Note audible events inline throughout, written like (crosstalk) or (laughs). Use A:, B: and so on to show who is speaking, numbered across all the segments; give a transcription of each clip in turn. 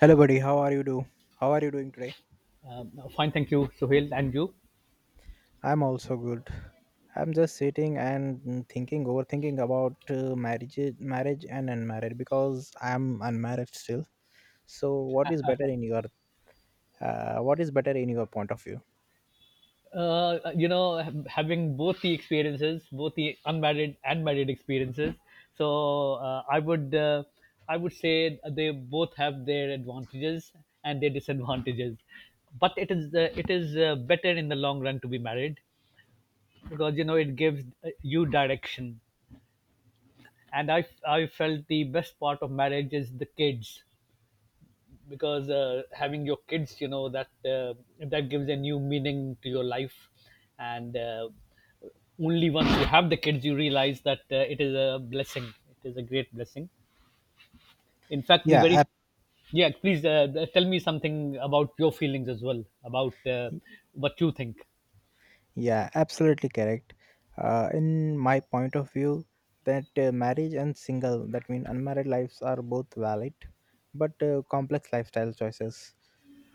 A: Hello, buddy. How are you do? How are you doing today?
B: No, fine, thank you, Sohail, and you.
A: I'm also good. I'm just sitting and thinking, overthinking about marriage and unmarried because I'm unmarried still. So, what is better in your point of view?
B: You know, having both the experiences, both the unmarried and married experiences, so I would say they both have their advantages and their disadvantages. But it is better in the long run to be married because you know it gives you direction. And I felt the best part of marriage is the kids because having your kids, you know, that gives a new meaning to your life, and only once you have the kids, you realize that it is a blessing. It is a great blessing. In fact, the
A: Yeah,
B: very
A: ab-
B: Yeah, please, tell me something about your feelings as well about what you think.
A: yeah, absolutely correct. In my point of view, that marriage and single, that mean unmarried lives are both valid, but complex lifestyle choices,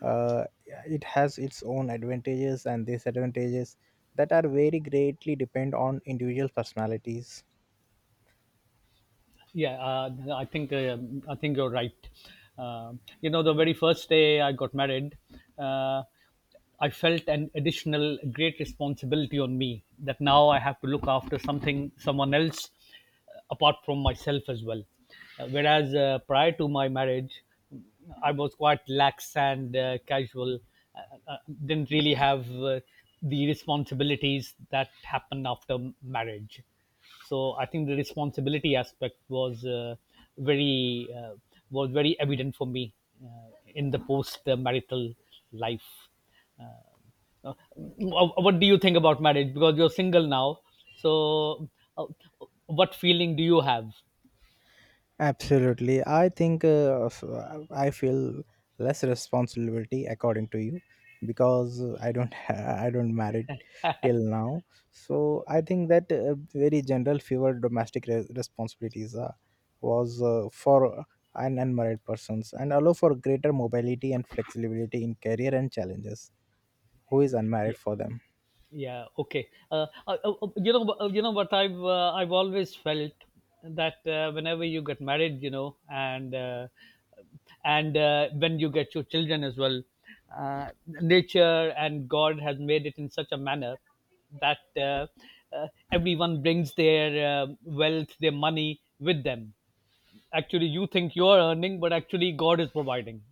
A: uh, it has its own advantages and disadvantages that are very greatly depend on individual personalities.
B: Yeah, I think you're right. You know, the very first day I got married, uh, I felt an additional great responsibility on me that now I have to look after something, someone else, apart from myself as well. Whereas prior to my marriage, I was quite lax and casual. Uh, uh, uh, didn't really have the responsibilities that happened after marriage. So I think the responsibility aspect was very was very evident for me in the post marital life. What do you think about marriage? Because you're single now, so uh, what feeling do you have?
A: Absolutely, I think I feel less responsibility according to you, because I don't (laughs) I don't married till now. So I
B: Okay.
A: think that very general fewer domestic responsibilities was for an unmarried persons, and allow for greater mobility and flexibility in career and challenges who is
B: Yeah.
A: unmarried for them.
B: Yeah. Okay. You know what I've always felt that whenever you get married, you know, and when you get your children as well, nature and God has made it in such a manner that uh, everyone brings their wealth, their money with them. Actually, you think you're earning, but actually God is providing.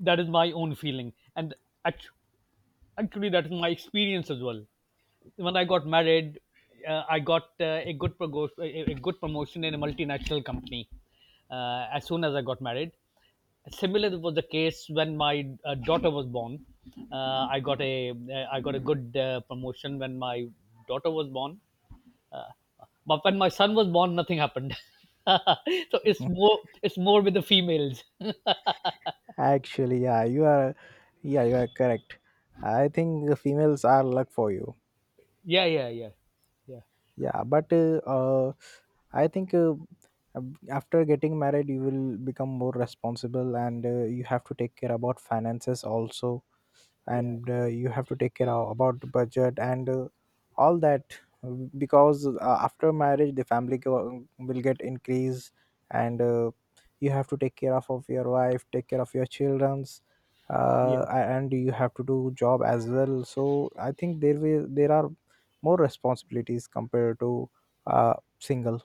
B: That is my own feeling, Act- Actually, that is my experience as well. When I got married, I got a good promotion in a multinational company. As soon as I got married, similar was the case when my daughter was born. I got a good promotion when my daughter was born. But when my son was born, nothing happened. (laughs) So it's more with the females. (laughs)
A: Actually, yeah, you are correct. I think the females are luck for you.
B: Yeah, yeah,
A: Yeah, but I think after getting married, you will become more responsible, and you have to take care about finances also.
B: yeah,
A: And you have to take care about the budget and all that, because after marriage the will get increased. And you have to take care of your wife, take care of your children's,
B: yeah.
A: and you have to do job as well. So I think there are more responsibilities compared to uh, single.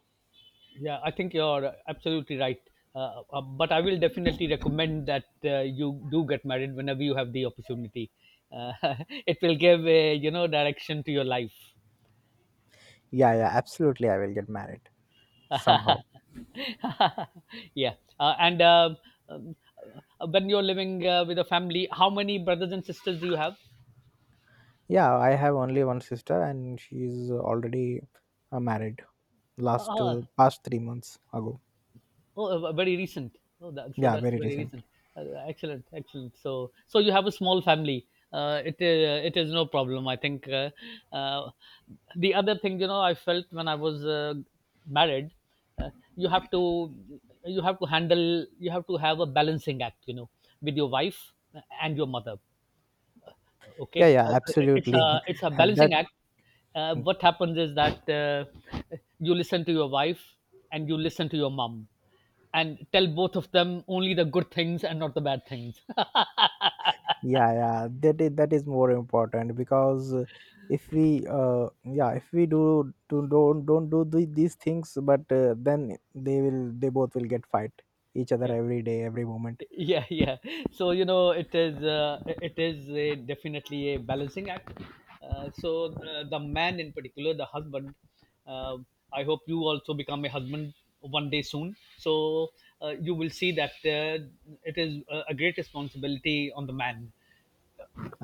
B: yeah. I think you're absolutely right. But I will definitely recommend that you do get married whenever you have the opportunity. Uh, (laughs) it will give a you know direction to your life.
A: Yeah, yeah, absolutely, I will get married somehow.
B: (laughs) Yeah, and um, when you're living with a family, how many brothers and sisters do you have?
A: Yeah, I have only one sister, and she's already married last
B: Ah,
A: past 3 months ago.
B: Oh, Very recent. So
A: Yeah,
B: that's
A: very
B: very
A: recent.
B: recent. Excellent, excellent. So you have a small family. It is no problem. I think uh, the other thing, you know, I felt when I was married, uh, you have to you have to handle, you have to have a balancing act. You know, with your wife and your mother.
A: Yeah,
B: Okay.
A: yeah,
B: It's
A: absolutely.
B: a
A: (laughs)
B: balancing
A: That.
B: act. What happens is that you listen to your wife and you listen to your mom and tell both of them only the good things and not the bad things.
A: Yeah, yeah, that is more important, because if we, if we do, do don't do these things, but then they both will get fight each other,
B: (laughs) yeah
A: every day, every moment.
B: yeah. So you know it is definitely a balancing act. So the man, in particular the husband, uh, I hope you also become a husband one day soon. So you will see that it is a great responsibility on the man,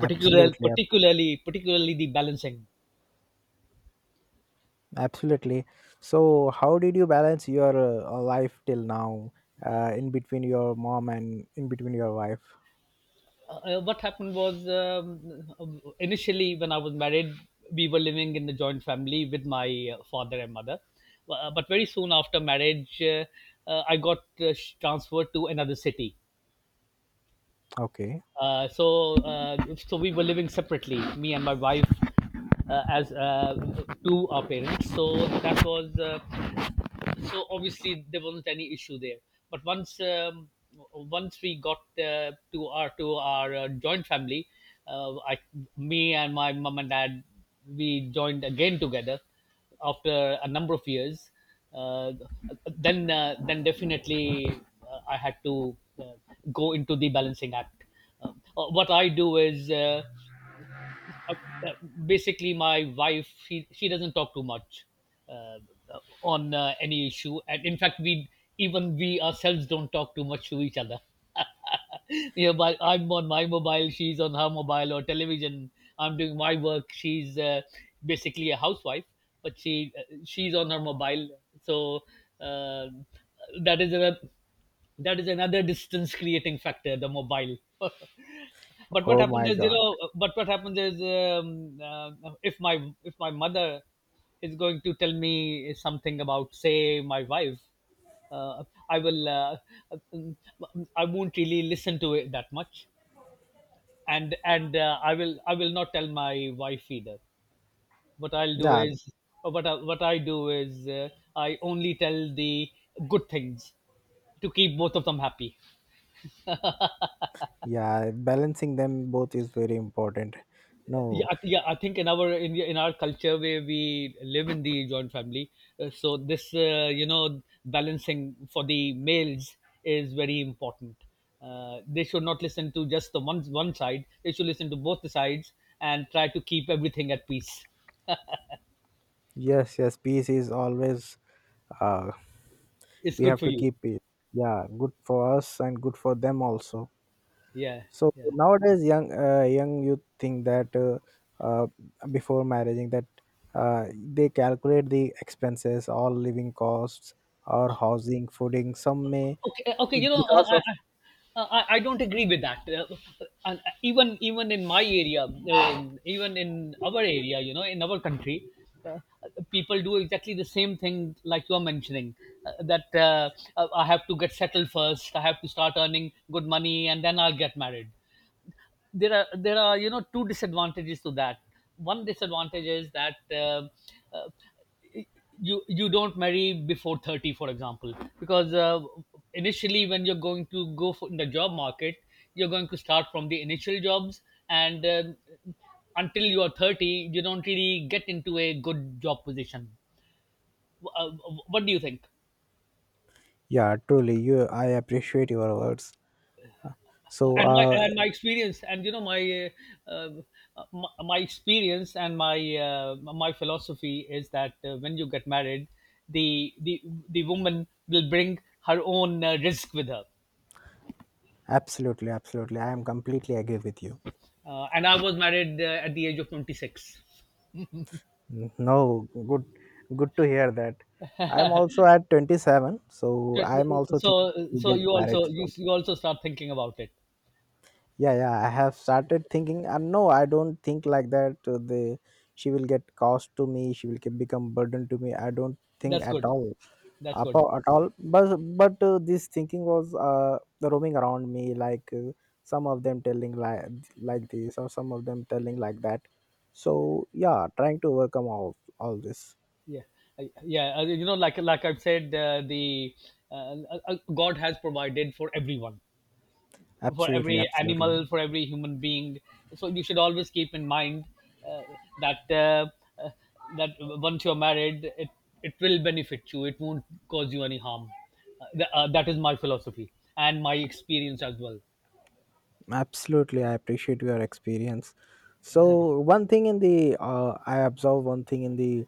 B: particularly the balancing.
A: absolutely. So, how did you balance your life till now, in between your mom and in between your wife?
B: What happened was initially when I was married, we were living in the joint family with my father and mother. But very soon after marriage, I got transferred to another city.
A: Okay.
B: Uh, so, uh, so we were living separately, me and my wife, as to our parents. So that was so obviously there wasn't any issue there. But once we got to our joint family, uh, I, me and my mom and dad, we joined again together after a number of years. Uh, then then definitely I had to go into the balancing act. What I do is, uh, uh, basically my wife she doesn't talk too much, uh, on any issue, and in fact we even we ourselves don't talk too much to each other. (laughs) Yeah, but I'm on my mobile, she's on her mobile or television. I'm doing my work, she's basically a housewife, but she's on her mobile. So uh, that is a, that is another distance creating factor, the mobile. (laughs) But what
A: Oh
B: happens
A: my
B: is, you
A: God.
B: know, but what happens is, if my mother is going to tell me something about, say, my wife, uh, I will uh, uh, I won't really listen to it that much, and I will, I will not tell my wife either. What I'll do
A: Yeah,
B: is, or what I do is, I only tell the good things to keep both of them happy.
A: yeah, balancing them both is very important. No,
B: Yeah. I think in our, in our culture where we live in the joint family, so this you know balancing for the males is very important. They should not listen to just the one side. They should listen to both the sides and try to keep everything at peace.
A: yes, yes, peace is always. uh
B: It's
A: we
B: good
A: have
B: for
A: to
B: you.
A: keep it. Yeah, good for us and good for them also.
B: Yeah,
A: So
B: yeah.
A: nowadays young youth think that uh before marrying, that they calculate the expenses, all living costs or housing, fooding, some may
B: Okay, okay, you know,
A: because of.
B: I don't agree with that. And even even in my area, even in our area, you know, in our country, uh, people do exactly the same thing like you are mentioning. That I have to get settled first. I have to start earning good money, and then I'll get married. There are you know two disadvantages to that. One disadvantage is that uh, you don't marry before 30, for example, because initially, when you're going to go for, in the job market, you're going to start from the initial jobs, and until you are 30 you don't really get into a good job position. uh, what do you think?
A: Yeah, truly, you I appreciate your words. So
B: And my, and my experience and, you know, uh, uh, my experience and my my philosophy is that when you get married, the the the woman will bring her own risk with her.
A: absolutely, absolutely, I am completely agree with you.
B: And I was married at the age of 26.
A: No, good, good to hear that. I'm also at 27, so I'm also thinking
B: So, so
A: to
B: so
A: get
B: you
A: married
B: also,
A: soon.
B: you also start thinking about it.
A: Yeah, yeah, I have started thinking. No, I don't think like that. The She will get cost to me. She will become burden to me. I don't think
B: That's
A: at
B: good,
A: all,
B: that's good.
A: at all. But this thinking was roaming around me. Like, some of them telling like this, or some of them telling like that. So yeah, trying to overcome all this.
B: yeah yeah, you know, like I've said, the God has provided for everyone, for
A: Absolutely,
B: every
A: absolutely,
B: animal, for every human being. So you should always keep in mind uh, that uh, uh, that once you're married, it will benefit you. It won't cause you any harm. That is my philosophy and my experience as well.
A: absolutely, I appreciate your experience. So, one thing in the I observe one thing in the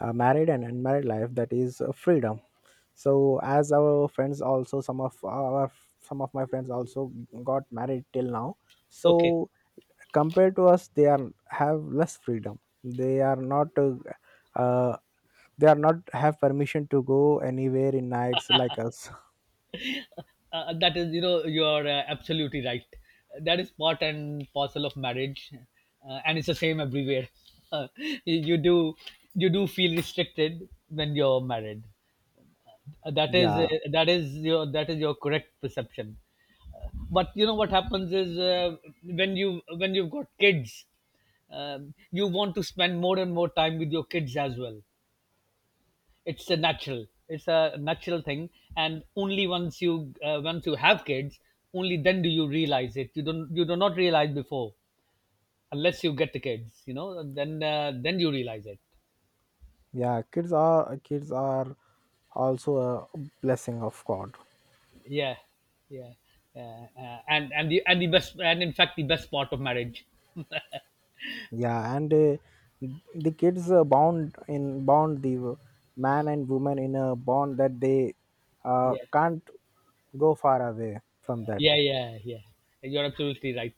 A: married and unmarried life, that is freedom. So as our friends also, some of my friends also got married till now.
B: Okay,
A: So compared to us, they are have less freedom. Uh, they are not have permission to go anywhere in nights like us. (laughs)
B: that is, you know, you're absolutely right. That is part and parcel of marriage, and it's the same everywhere. (laughs) you you do you do feel restricted when you're married. Uh, that is uh,
A: Yeah,
B: that is your, that is your correct perception. But you know what happens is, when you, when you've got kids, you want to spend more and more time with your kids as well. It's a natural, it's a natural thing. And only once you have kids, only then do you realize it. You don't, you do not realize before. Unless you get the kids, you know, then you realize it.
A: yeah. Kids are also a blessing of God.
B: Yeah, yeah. And and the best, and in fact the best part of marriage.
A: Yeah, and the kids, bound in bound the man and woman in a bond that they
B: Yeah.
A: can't go far away from that.
B: Yeah, yeah, yeah. You're absolutely right.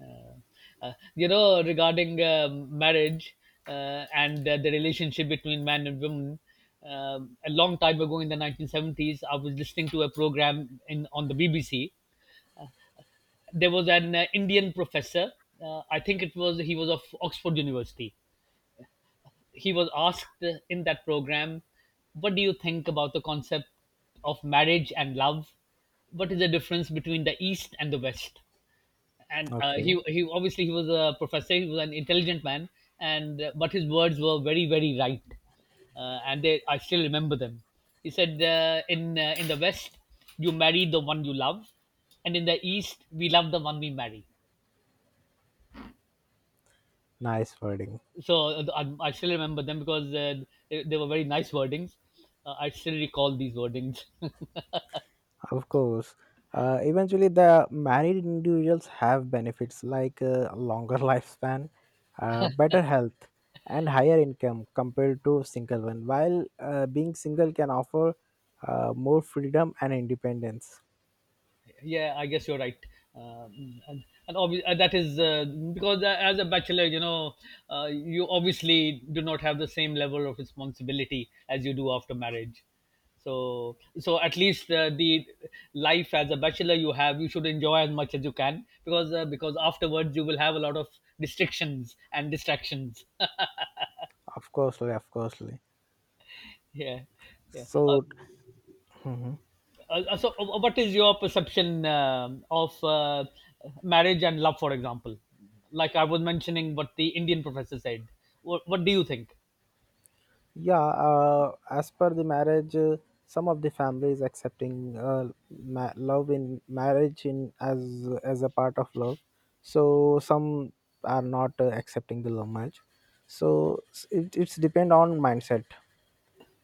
B: Uh, you know, regarding marriage and the relationship between man and woman, a long time ago in the 1970s, I was listening to a program in on the BBC. There was an Indian professor. I think it was he was of Oxford University. He was asked in that program, "What do you think about the concept of marriage and love? What is the difference between the East and the West?" and
A: Okay.
B: He obviously he was a professor. He was an intelligent man, and but his words were very, very right, and they I still remember them. He said, in the West, you marry the one you love, and in the East we love the one we marry.
A: Nice wording.
B: So I still remember them, because they were very nice wordings. I still recall these wordings. (laughs)
A: Of course. Eventually, the married individuals have benefits like longer (laughs) lifespan, better health and higher income compared to single one, while being single can offer more freedom and independence.
B: Yeah, I guess you're right. That is, because as a bachelor, you know, you obviously do not have the same level of responsibility as you do after marriage. So at least the life as a bachelor, you should enjoy as much as you can, because afterwards you will have a lot of restrictions and distractions.
A: Of course, of course.
B: (laughs) Yeah, yeah.
A: So, mhm.
B: So what is your perception of marriage and love, for example? Like I was mentioning what the Indian professor said. What do you think?
A: Yeah, as per the marriage, some of the families accepting, love in marriage in as a part of love. So some are not accepting the love marriage. So, it's depend on mindset.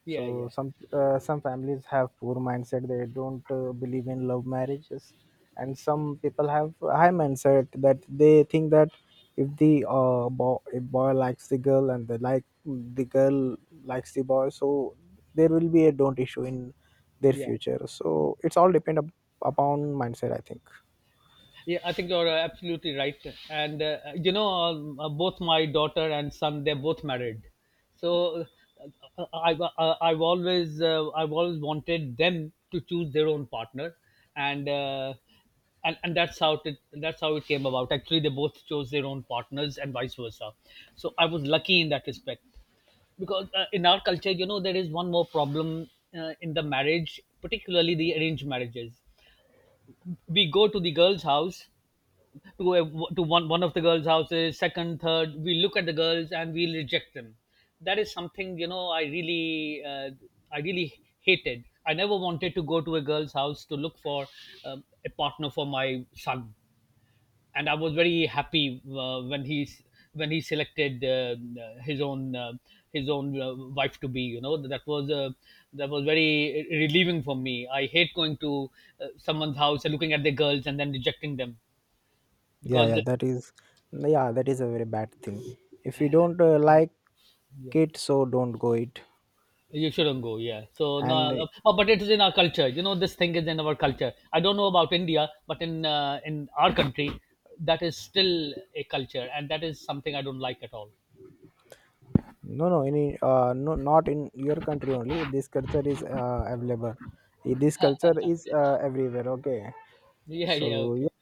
B: Yeah,
A: So
B: yeah,
A: some families have poor mindset, they don't believe in love marriages, and some people have high mindset, that they think that if boy likes the girl, and the like the girl likes the boy, so there will be a don't issue in their
B: yeah.
A: future. So it's all depend upon mindset, I think.
B: Yeah, I think you're absolutely right. And both my daughter and son, they're both married. So I've always wanted them to choose their own partner, and uh, and that's how it came about. Actually, they both chose their own partners, and vice versa. So I was lucky in that respect, because in our culture, you know, there is one more problem in the marriage, particularly the arranged marriages. We go to the girl's house, to go to one of the girls' houses, second, third. We look at the girls and we reject them. That is something. I really hated. I never wanted to go to a girl's house to look for a partner for my son, and I was very happy when he selected his own uh, his own wife to be. You know, that was very relieving for me. I hate going to someone's house and looking at the girls and then rejecting them
A: Yeah,
B: because.
A: yeah, that is a very bad thing. If you don't like
B: Yeah.
A: it, so don't go it.
B: You shouldn't go, yeah. So
A: And.
B: no, oh, but it is in our culture. You know, this thing is in our culture. I don't know about India, but in our country, that is still a culture, and that is something I don't like at all.
A: No, no, any, no, not in your country only. This culture is available. Eh, this culture is everywhere. Okay,
B: (laughs) Yeah, yeah,
A: so
B: okay,
A: yeah,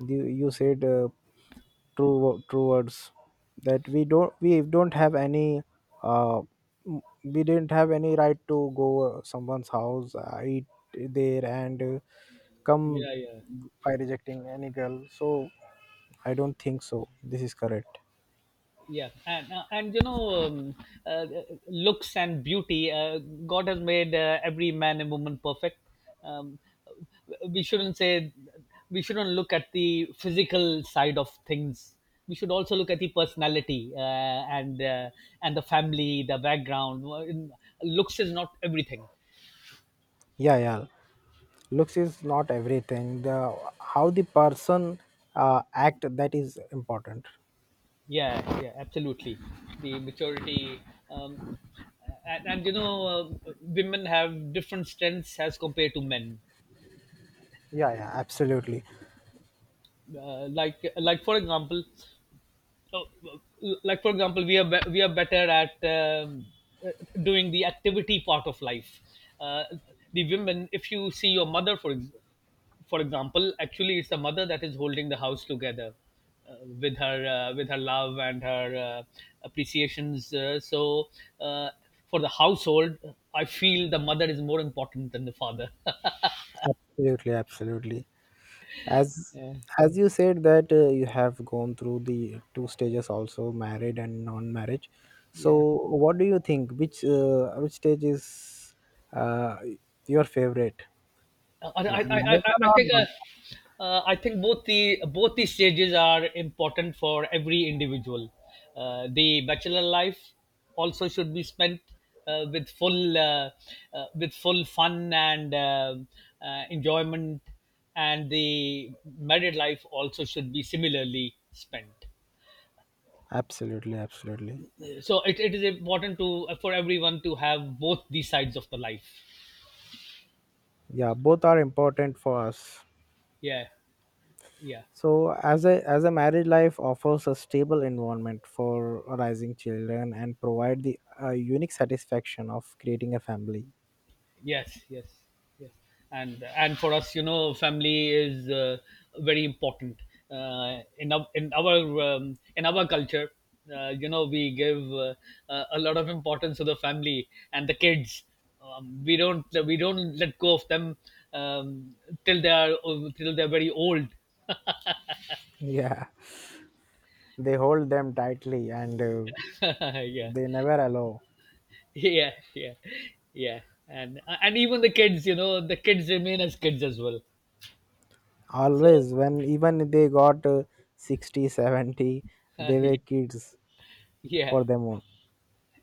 A: you said true words, that uh, we didn't have any right to go someone's house, eat there, and come
B: yeah, yeah.
A: by rejecting any girl. So I don't think so. This is correct.
B: yeah and you know uh, Looks and beauty, God has made every man and woman perfect. um, we shouldn't say we shouldn't look at the physical side of things, we should also look at the personality, and and the family, the background. Well, looks is not everything.
A: Yeah, yeah. Looks is not everything. The How the person act, that is important.
B: Yeah, yeah, absolutely. The maturity. um, and women have different strengths as compared to men,
A: Yeah, yeah, absolutely,
B: like, for example, uh, we are better at uh, doing the activity part of life. uh, the women, if you see your mother, for example, actually it's the mother that is holding the house together, with her love and her appreciations. Uh, so uh, for the household, I feel the mother is more important than the father. (laughs)
A: absolutely, absolutely. as
B: Yeah.
A: as you said that you have gone through the two stages also, married and non marriage. So
B: Yeah.
A: what do you think, which stage is uh, your favorite? Married one or not?
B: I think both the stages are important for every individual. The bachelor life also should be spent uh, with full uh, with full fun and enjoyment, and the married life also should be similarly spent.
A: Absolutely, absolutely.
B: So it is important to for everyone to have both these sides of the life.
A: Yeah, both are important for us.
B: Yeah, yeah.
A: So, as a married life offers a stable environment for rising children, and provide the unique satisfaction of creating a family. (laughs)
B: Yes, yes, yes. And for us, you know, family is very important. In our culture, we give a lot of importance to the family and the kids. We don't let go of them um, till they're very old.
A: Yeah, they hold them tightly, and
B: (laughs) Yeah,
A: they never allow.
B: yeah, yeah, yeah. And even the kids, you know, the kids remain as kids as well. So.
A: Always, when even they got 60, 70, they were
B: (laughs)
A: kids
B: Yeah.
A: for them own.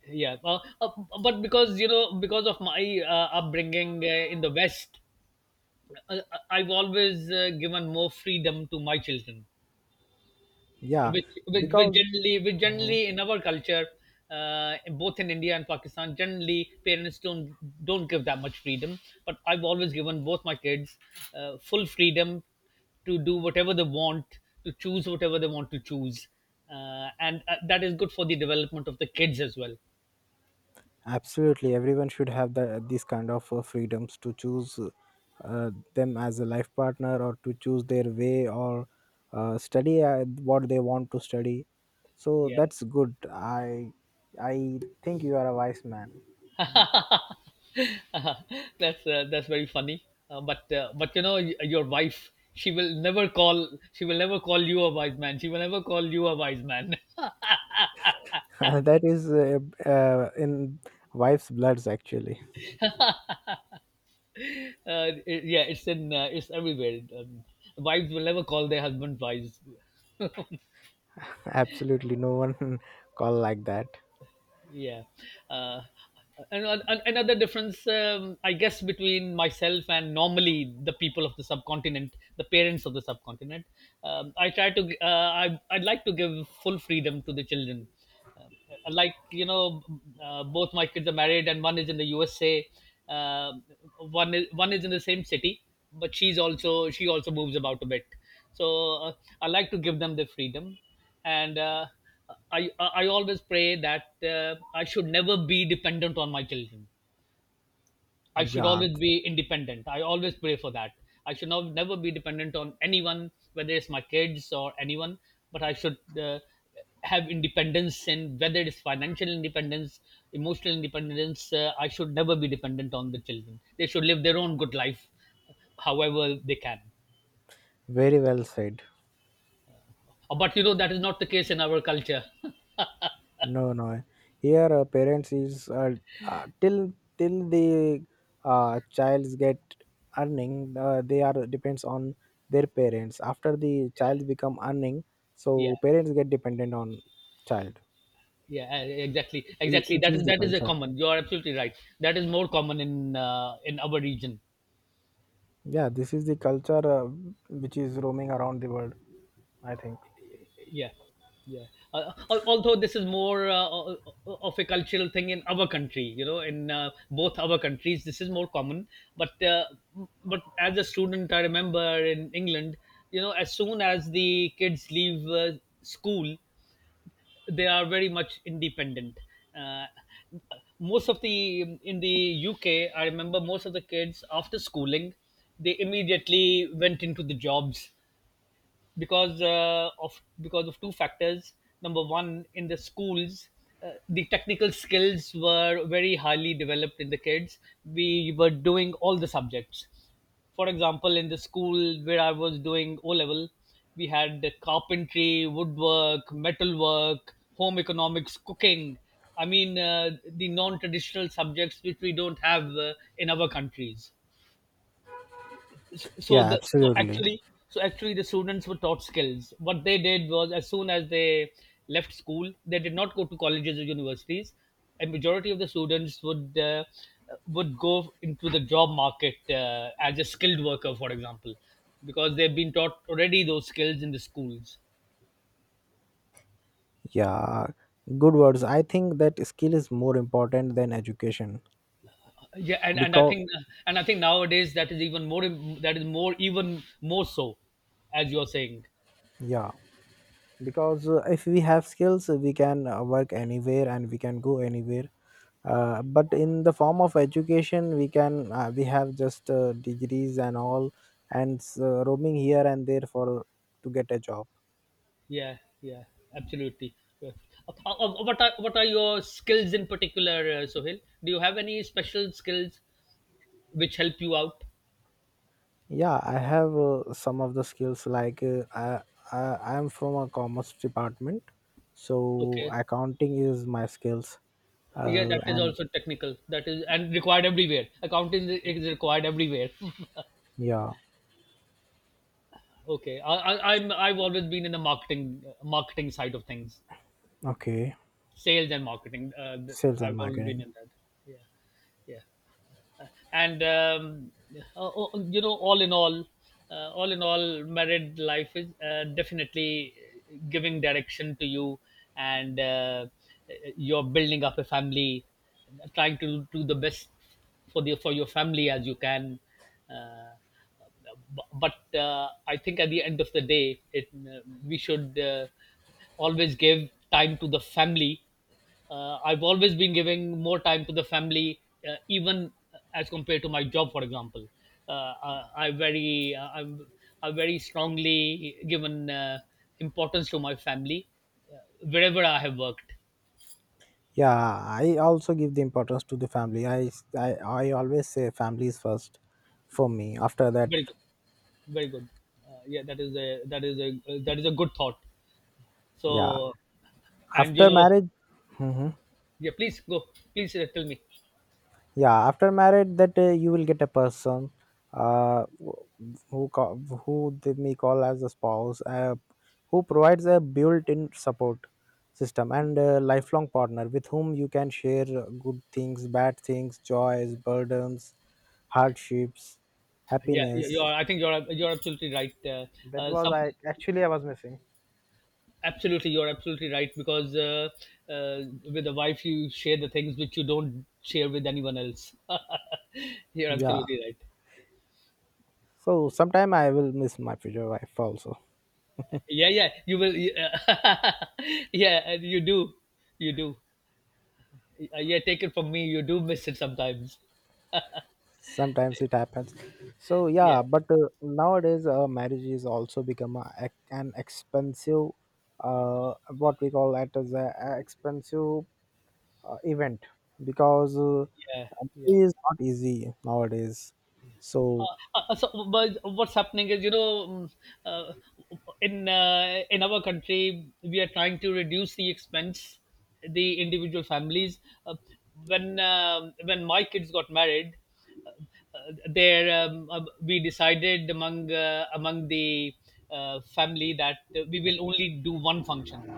B: Yeah. But because you know because of my upbringing in the West. I've always given more freedom to my children,
A: Yeah,
B: which, which, which
A: because.
B: generally which generally in our culture, both in India and Pakistan generally parents don't give that much freedom. But I've always given both my kids full freedom to do whatever they want, to choose whatever they want to choose, and that is good for the development of the kids as well.
A: Absolutely, everyone should have these kind of freedoms to choose them as a life partner, or to choose their way, or study what they want to study. So
B: Yeah.
A: that's good. I think you are a wise man.
B: (laughs) That's very funny. But you know, your wife, she will never call you a wise man. She will never call you a wise man. (laughs)
A: (laughs) That is in wife's bloods actually.
B: Yeah, it's everywhere. Wives will never call their husband wise.
A: (laughs) Absolutely, no one (laughs) call like that.
B: Yeah. Uh, and an- an- another difference, I guess, between myself and normally the people of the subcontinent, the parents of the subcontinent. um, i try to uh, I'd like to give full freedom to the children, uh, like, both my kids are married and one is in the USA. Um, one is in the same city, but she also moves about a bit, so uh, I like to give them the freedom, and I always pray that I should never be dependent on my children. I should
A: Yeah,
B: always be independent. I always pray for that. I should not, never be dependent on anyone, whether it's my kids or anyone. But I should have independence in, whether it's financial independence, emotional independence. I should never be dependent on the children. They should live their own good life, however they can.
A: very well said.
B: But you know, that is not the case in our culture. (laughs)
A: No, no. Here, parents is till the childs get earning, they are depends on their parents. After the child become earning,
B: Yeah.
A: so parents get dependent on child.
B: Yeah, exactly,
A: It,
B: exactly,
A: it
B: that
A: is
B: is
A: the
B: that is a
A: culture.
B: common, you are absolutely right. That is more common in our region.
A: Yeah, this is the culture, which is roaming around the world, I think.
B: Yeah, yeah. Although this is more of a cultural thing in our country, you know, in both our countries this is more common, but uh, but as a student I remember, in England, you know, as soon as the kids leave school they are very much independent. Uh, most of the In the UK, I remember most of the kids after schooling, they immediately went into the jobs, because of two factors. Number one, in the schools, the technical skills were very highly developed in the kids. We were doing all the subjects. For example, in the school where I was doing O level, we had carpentry, woodwork, metalwork, home economics, cooking. I mean, the non traditional subjects which we don't have in our countries, so
A: Yeah,
B: the so
A: absolutely.
B: actually so actually the students were taught skills. What they did was, as soon as they left school they did not go to colleges or universities. A majority of the students would go into the job market as a skilled worker, for example, because they've been taught already those skills in the schools.
A: Yeah, good words. I think that skill is more important than education,
B: Yeah, and, and i
A: because
B: think and I think nowadays that is even more that is more, even more so, as you're saying.
A: yeah. Because if we have skills, we can work anywhere and we can go anywhere, but in the form of education we have just degrees and all, and roaming here and there for to get a job.
B: Yeah, yeah, absolutely. Yeah. What are your skills in particular, Sohail? Do you have any special skills which help you out?
A: Yeah, I have some of the skills, like, I I am from a commerce department, so
B: Okay,
A: accounting is my skills,
B: yeah, that is
A: and.
B: also technical. That is and required everywhere. Accounting is required everywhere. (laughs)
A: Yeah.
B: Okay. I've always been in the marketing side of things,
A: Okay.
B: sales and marketing.
A: Sales and
B: I've always been
A: marketing.
B: in that. Yeah, yeah. And oh, oh, all in all, married life is definitely giving direction to you, and you're building up a family, trying to do the best for your family as you can, uh, but I think at the end of the day, it we should always give time to the family. I've always been giving more time to the family, even as compared to my job, for example. Uh, I, I very uh, I'm I very strongly given importance to my family uh, wherever I have worked.
A: Yeah, I also give the importance to the family. I always say family is first for me. After that,
B: Very good, very good. Yeah, that is a that is a that is a good thought.
A: yeah,
B: So, and you
A: after
B: know.
A: marriage, hmm,
B: Yeah, please go. Please tell me.
A: yeah, after marriage that you will get a person, uh, wh- who call, who they may call as a spouse, who provides a built-in support system and a lifelong partner, with whom you can share good things, bad things, joys, burdens, hardships,
B: Yeah, you're.
A: happiness.
B: I think you're. You're absolutely right.
A: That
B: Uh,
A: was,
B: some,
A: I actually I was missing.
B: Absolutely, you're absolutely right, because uh, with a wife you share the things which you don't share with anyone else. (laughs) You're
A: Yeah.
B: absolutely right.
A: So sometime I will miss my future wife also.
B: Yeah, yeah. You will. Yeah. (laughs) Yeah, and you do. You do. Yeah, take it from me. You do miss it sometimes.
A: Sometimes it happens. So
B: Yeah,
A: yeah, but nowadays marriage is also become an expensive, what we call that as a expensive event, because
B: yeah,
A: it
B: yeah.
A: is not easy nowadays. So
B: So but what's happening is, you know, uh, in our country we are trying to reduce the expense, the individual families. uh, when my kids got married, uh, uh, there we decided among the family that we will only do one function.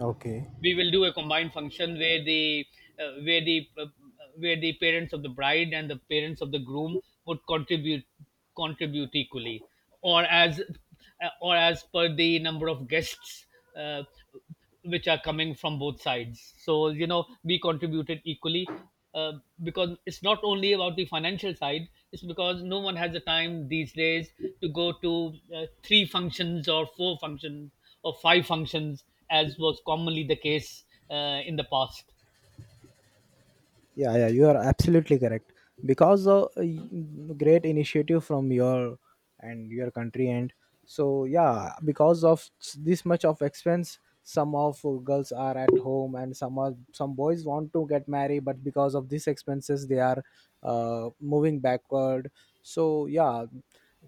A: okay.
B: We will do a combined function uh, where the uh, where the parents of the bride and the parents of the groom would contribute equally, or as or as per the number of guests uh, which are coming from both sides, so you know, we contributed equally, uh, because it's not only about the financial side, it's because no one has the time these days to go to three functions or four functions or five functions, as was commonly the case in the past.
A: Yeah, yeah, you are absolutely correct. Because of great initiative from your and your country, and so yeah, because of this much of expense, some of girls are at home, and some boys want to get married, but because of these expenses, they are moving backward. So yeah,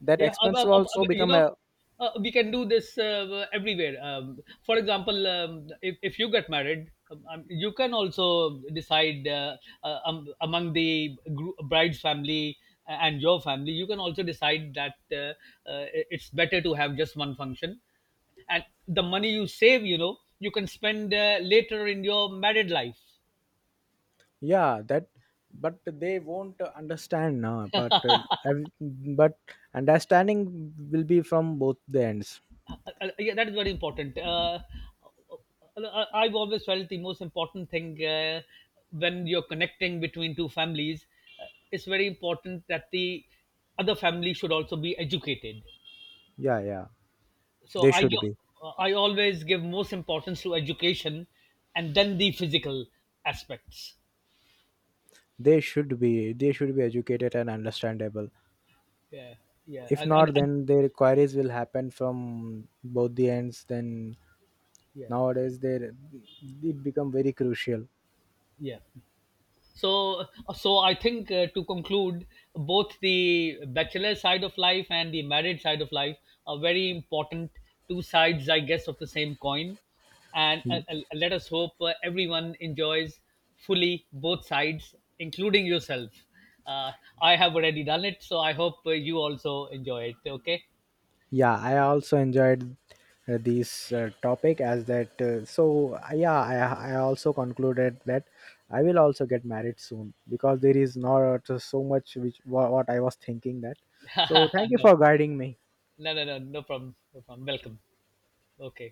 A: that
B: Yeah,
A: expense also
B: you
A: become
B: know,
A: a.
B: we can do this everywhere. For example, if you get married, you can also decide among the group, bride's family and your family, you can also decide that, uh, it's better to have just one function. And the money you save, you know, you can spend later in your married life.
A: Yeah, that, but they won't understand now, but ev- but understanding will be from both the ends.
B: Yeah, that is very important. I've always felt the most important thing, when you're connecting between two families, uh, it's very important that the other family should also be educated.
A: Yeah, yeah, they
B: So I gi-
A: should be
B: I always give most importance to education, and then the physical aspects.
A: they should be they should be educated and understandable.
B: Yeah, yeah,
A: If not,
B: and
A: then their queries will happen from both the ends, then
B: yeah,
A: nowadays they it become very crucial.
B: yeah. so so I think, to conclude, both the bachelor side of life and the married side of life are very important, two sides, I guess, of the same coin, and let us hope everyone enjoys fully both sides, including yourself. uh, I have already done it, so I hope you also enjoy it. Okay?
A: Yeah, I also enjoyed this topic, as that yeah, I also concluded that I will also get married soon, because there is not so much which what I was thinking that. So
B: (laughs)
A: thank you
B: No,
A: for guiding me.
B: no, no, no. No problem, no problem. Welcome. Okay.